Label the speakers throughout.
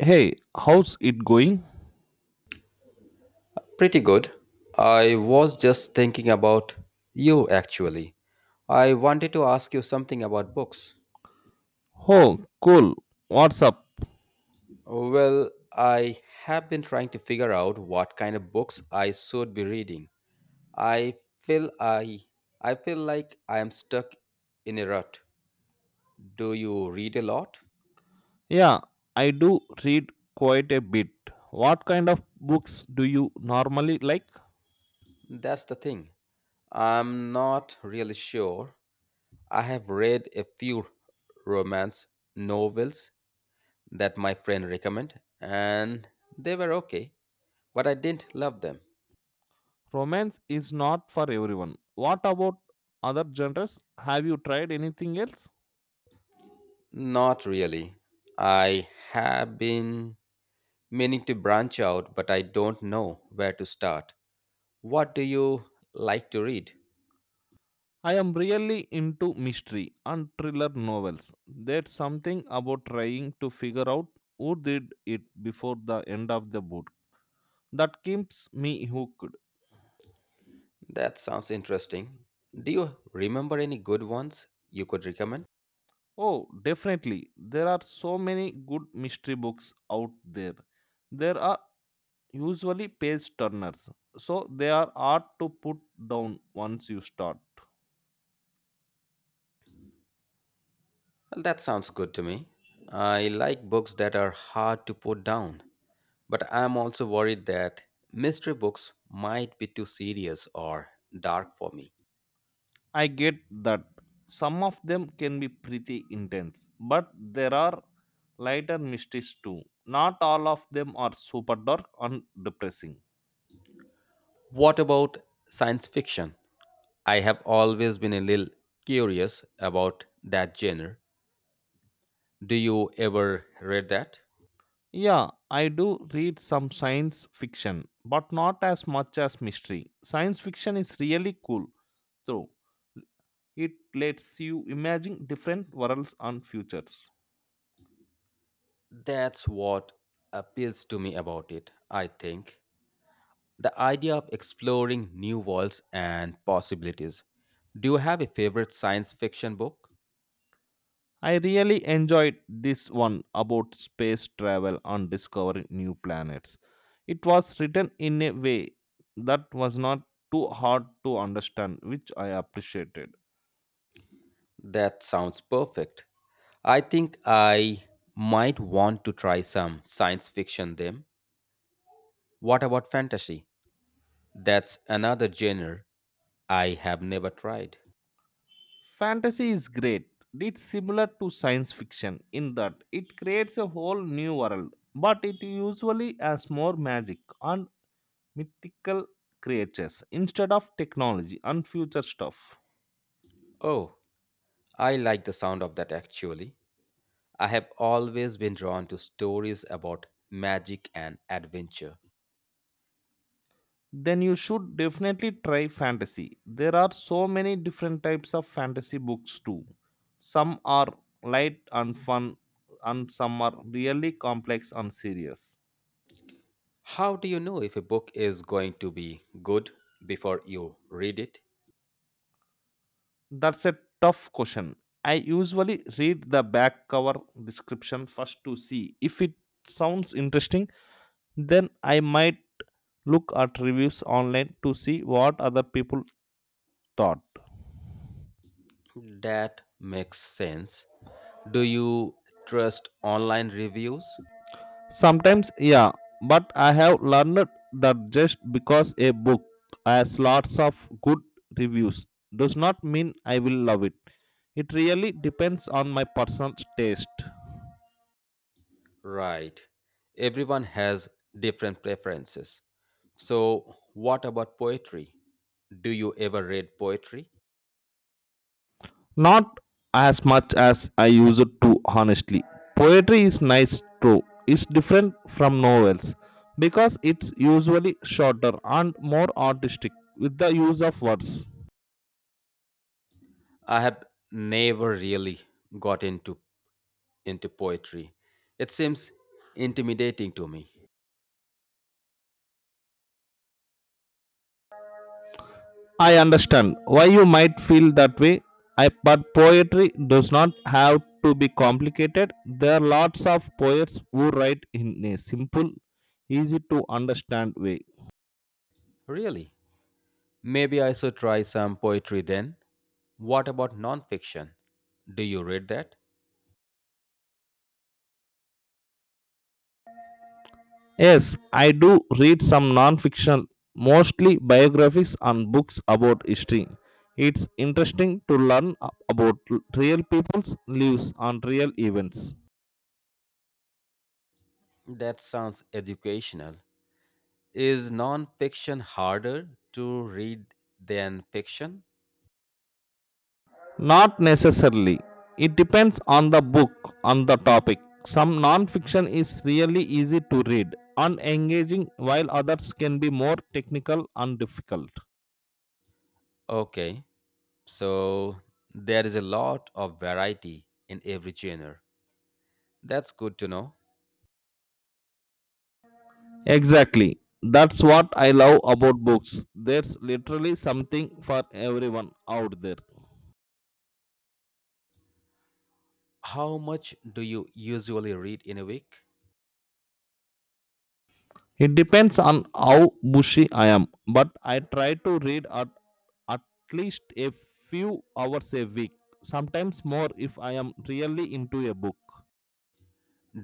Speaker 1: Hey, how's it going?
Speaker 2: Pretty good. I was just thinking about you actually. I wanted to ask you something about books.
Speaker 1: Oh, cool. What's up?
Speaker 2: Well, I have been trying to figure out what kind of books I should be reading. I feel I I feel like I am stuck in a rut. Do you read a lot?
Speaker 1: Yeah, I do read quite a bit. What kind of books do you normally like?
Speaker 2: That's the thing. I'm not really sure. I have read a few romance novels that my friend recommended, and they were okay, but I didn't love them.
Speaker 1: Romance is not for everyone. What about other genres? Have you tried anything else?
Speaker 2: Not really. I have been meaning to branch out, but I don't know where to start. What do you like to read?
Speaker 1: I am really into mystery and thriller novels. There's something about trying to figure out who did it before the end of the book that keeps me hooked.
Speaker 2: That sounds interesting. Do you remember any good ones you could recommend?
Speaker 1: Oh, definitely. There are so many good mystery books out there. There are usually page turners, so they are hard to put down once you start.
Speaker 2: Well, that sounds good to me. I like books that are hard to put down, but I'm also worried that mystery books might be too serious or dark for me.
Speaker 1: I get that some of them can be pretty intense, but there are lighter mysteries too. Not all of them are super dark and depressing.
Speaker 2: What about science fiction? I have always been a little curious about that genre. Do you ever read that?
Speaker 1: Yeah, I do read some science fiction, but not as much as mystery. Science fiction is really cool, though. It lets you imagine different worlds and futures.
Speaker 2: That's what appeals to me about it, I think. The idea of exploring new worlds and possibilities. Do you have a favorite science fiction book?
Speaker 1: I really enjoyed this one about space travel and discovering new planets. It was written in a way that was not too hard to understand, which I appreciated.
Speaker 2: That sounds perfect. I think I might want to try some science fiction then. What about fantasy? That's another genre I have never tried.
Speaker 1: Fantasy is great. It's similar to science fiction in that it creates a whole new world, but it usually has more magic and mythical creatures instead of technology and future stuff.
Speaker 2: Oh, I like the sound of that actually. I have always been drawn to stories about magic and adventure.
Speaker 1: Then you should definitely try fantasy. There are so many different types of fantasy books too. Some are light and fun, and some are really complex and serious.
Speaker 2: How do you know if a book is going to be good before you read it?
Speaker 1: That's a tough question. I usually read the back cover description first to see if it sounds interesting. Then I might look at reviews online to see what other people thought.
Speaker 2: That makes sense. Do you trust online reviews?
Speaker 1: Sometimes, yeah, but I have learned that just because a book has lots of good reviews does not mean I will love it. It really depends on my personal taste.
Speaker 2: Right. Everyone has different preferences. So, what about poetry? Do you ever read poetry?
Speaker 1: Not as much as I use it to, honestly. Poetry is nice too. It's different from novels because it's usually shorter and more artistic with the use of words.
Speaker 2: I have never really got into poetry. It seems intimidating to me.
Speaker 1: I understand why you might feel that way, but poetry does not have to be complicated. There are lots of poets who write in a simple, easy to understand way.
Speaker 2: Really? Maybe I should try some poetry then. What about nonfiction? Do you read that?
Speaker 1: Yes, I do read some non fiction, mostly biographies and books about history. It's interesting to learn about real people's lives and real events.
Speaker 2: That sounds educational. Is nonfiction harder to read than fiction?
Speaker 1: Not necessarily. It depends on the book, on the topic. Some non-fiction is really easy to read and engaging, while others can be more technical and difficult.
Speaker 2: Okay, so there is a lot of variety in every genre. That's good to know.
Speaker 1: Exactly. That's what I love about books. There's literally something for everyone out there.
Speaker 2: How much do you usually read in a week?
Speaker 1: It depends on how bushy I am, but I try to read at least a few hours a week, sometimes more if I am really into a book.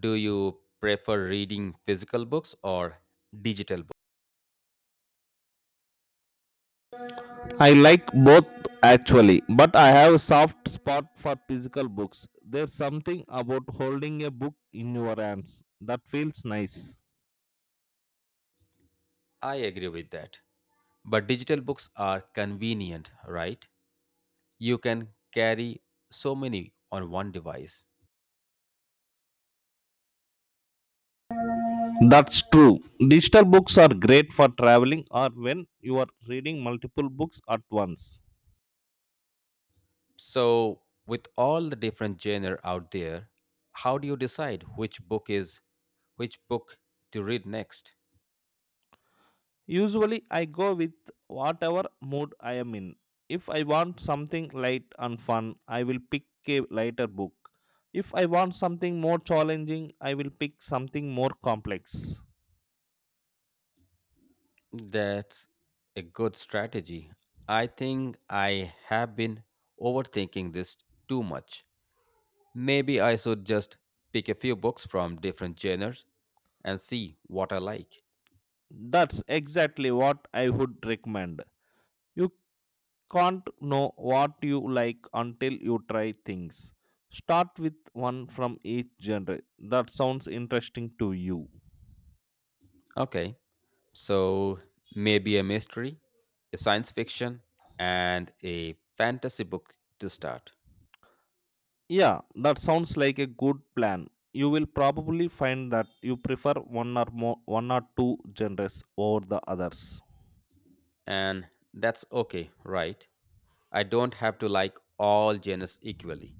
Speaker 2: Do you prefer reading physical books or digital books?
Speaker 1: I like both actually, but I have a soft spot for physical books. There's something about holding a book in your hands that feels nice.
Speaker 2: I agree with that. But digital books are convenient, right? You can carry so many on one device.
Speaker 1: That's true. Digital books are great for traveling or when you are reading multiple books at once.
Speaker 2: So, with all the different genre out there, how do you decide which book to read next?
Speaker 1: Usually, I go with whatever mood I am in. If I want something light and fun, I will pick a lighter book. If I want something more challenging, I will pick something more complex.
Speaker 2: That's a good strategy. I think I have been overthinking this too much. Maybe I should just pick a few books from different genres and see what I like.
Speaker 1: That's exactly what I would recommend. You can't know what you like until you try things. Start with one from each genre that sounds interesting to you.
Speaker 2: Okay, so maybe a mystery, a science fiction, and a fantasy book to start.
Speaker 1: Yeah, that sounds like a good plan. You will probably find that you prefer one or two genres over the others.
Speaker 2: And that's okay, right? I don't have to like all genres equally.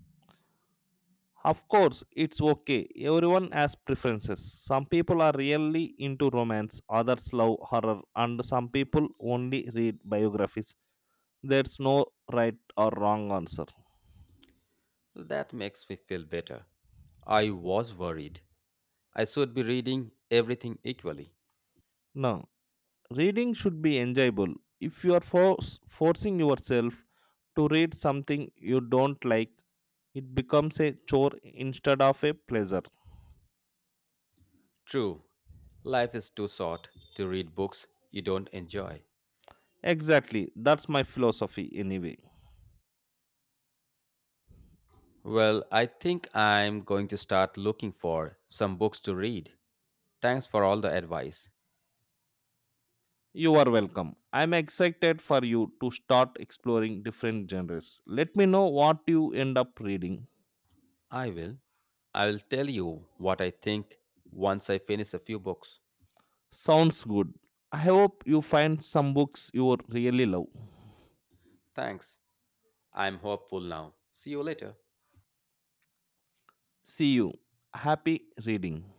Speaker 1: Of course, it's okay. Everyone has preferences. Some people are really into romance, others love horror, and some people only read biographies. There's no right or wrong answer.
Speaker 2: That makes me feel better. I was worried. I should be reading everything equally.
Speaker 1: No, reading should be enjoyable. If you are forcing yourself to read something you don't like, it becomes a chore instead of a pleasure.
Speaker 2: True, life is too short to read books you don't enjoy.
Speaker 1: Exactly, that's my philosophy anyway.
Speaker 2: Well, I think I'm going to start looking for some books to read. Thanks for all the advice.
Speaker 1: You are welcome. I'm excited for you to start exploring different genres. Let me know what you end up reading.
Speaker 2: I will. I will tell you what I think once I finish a few books.
Speaker 1: Sounds good. I hope you find some books you really love.
Speaker 2: Thanks. I'm hopeful now. See you later.
Speaker 1: See you. Happy reading.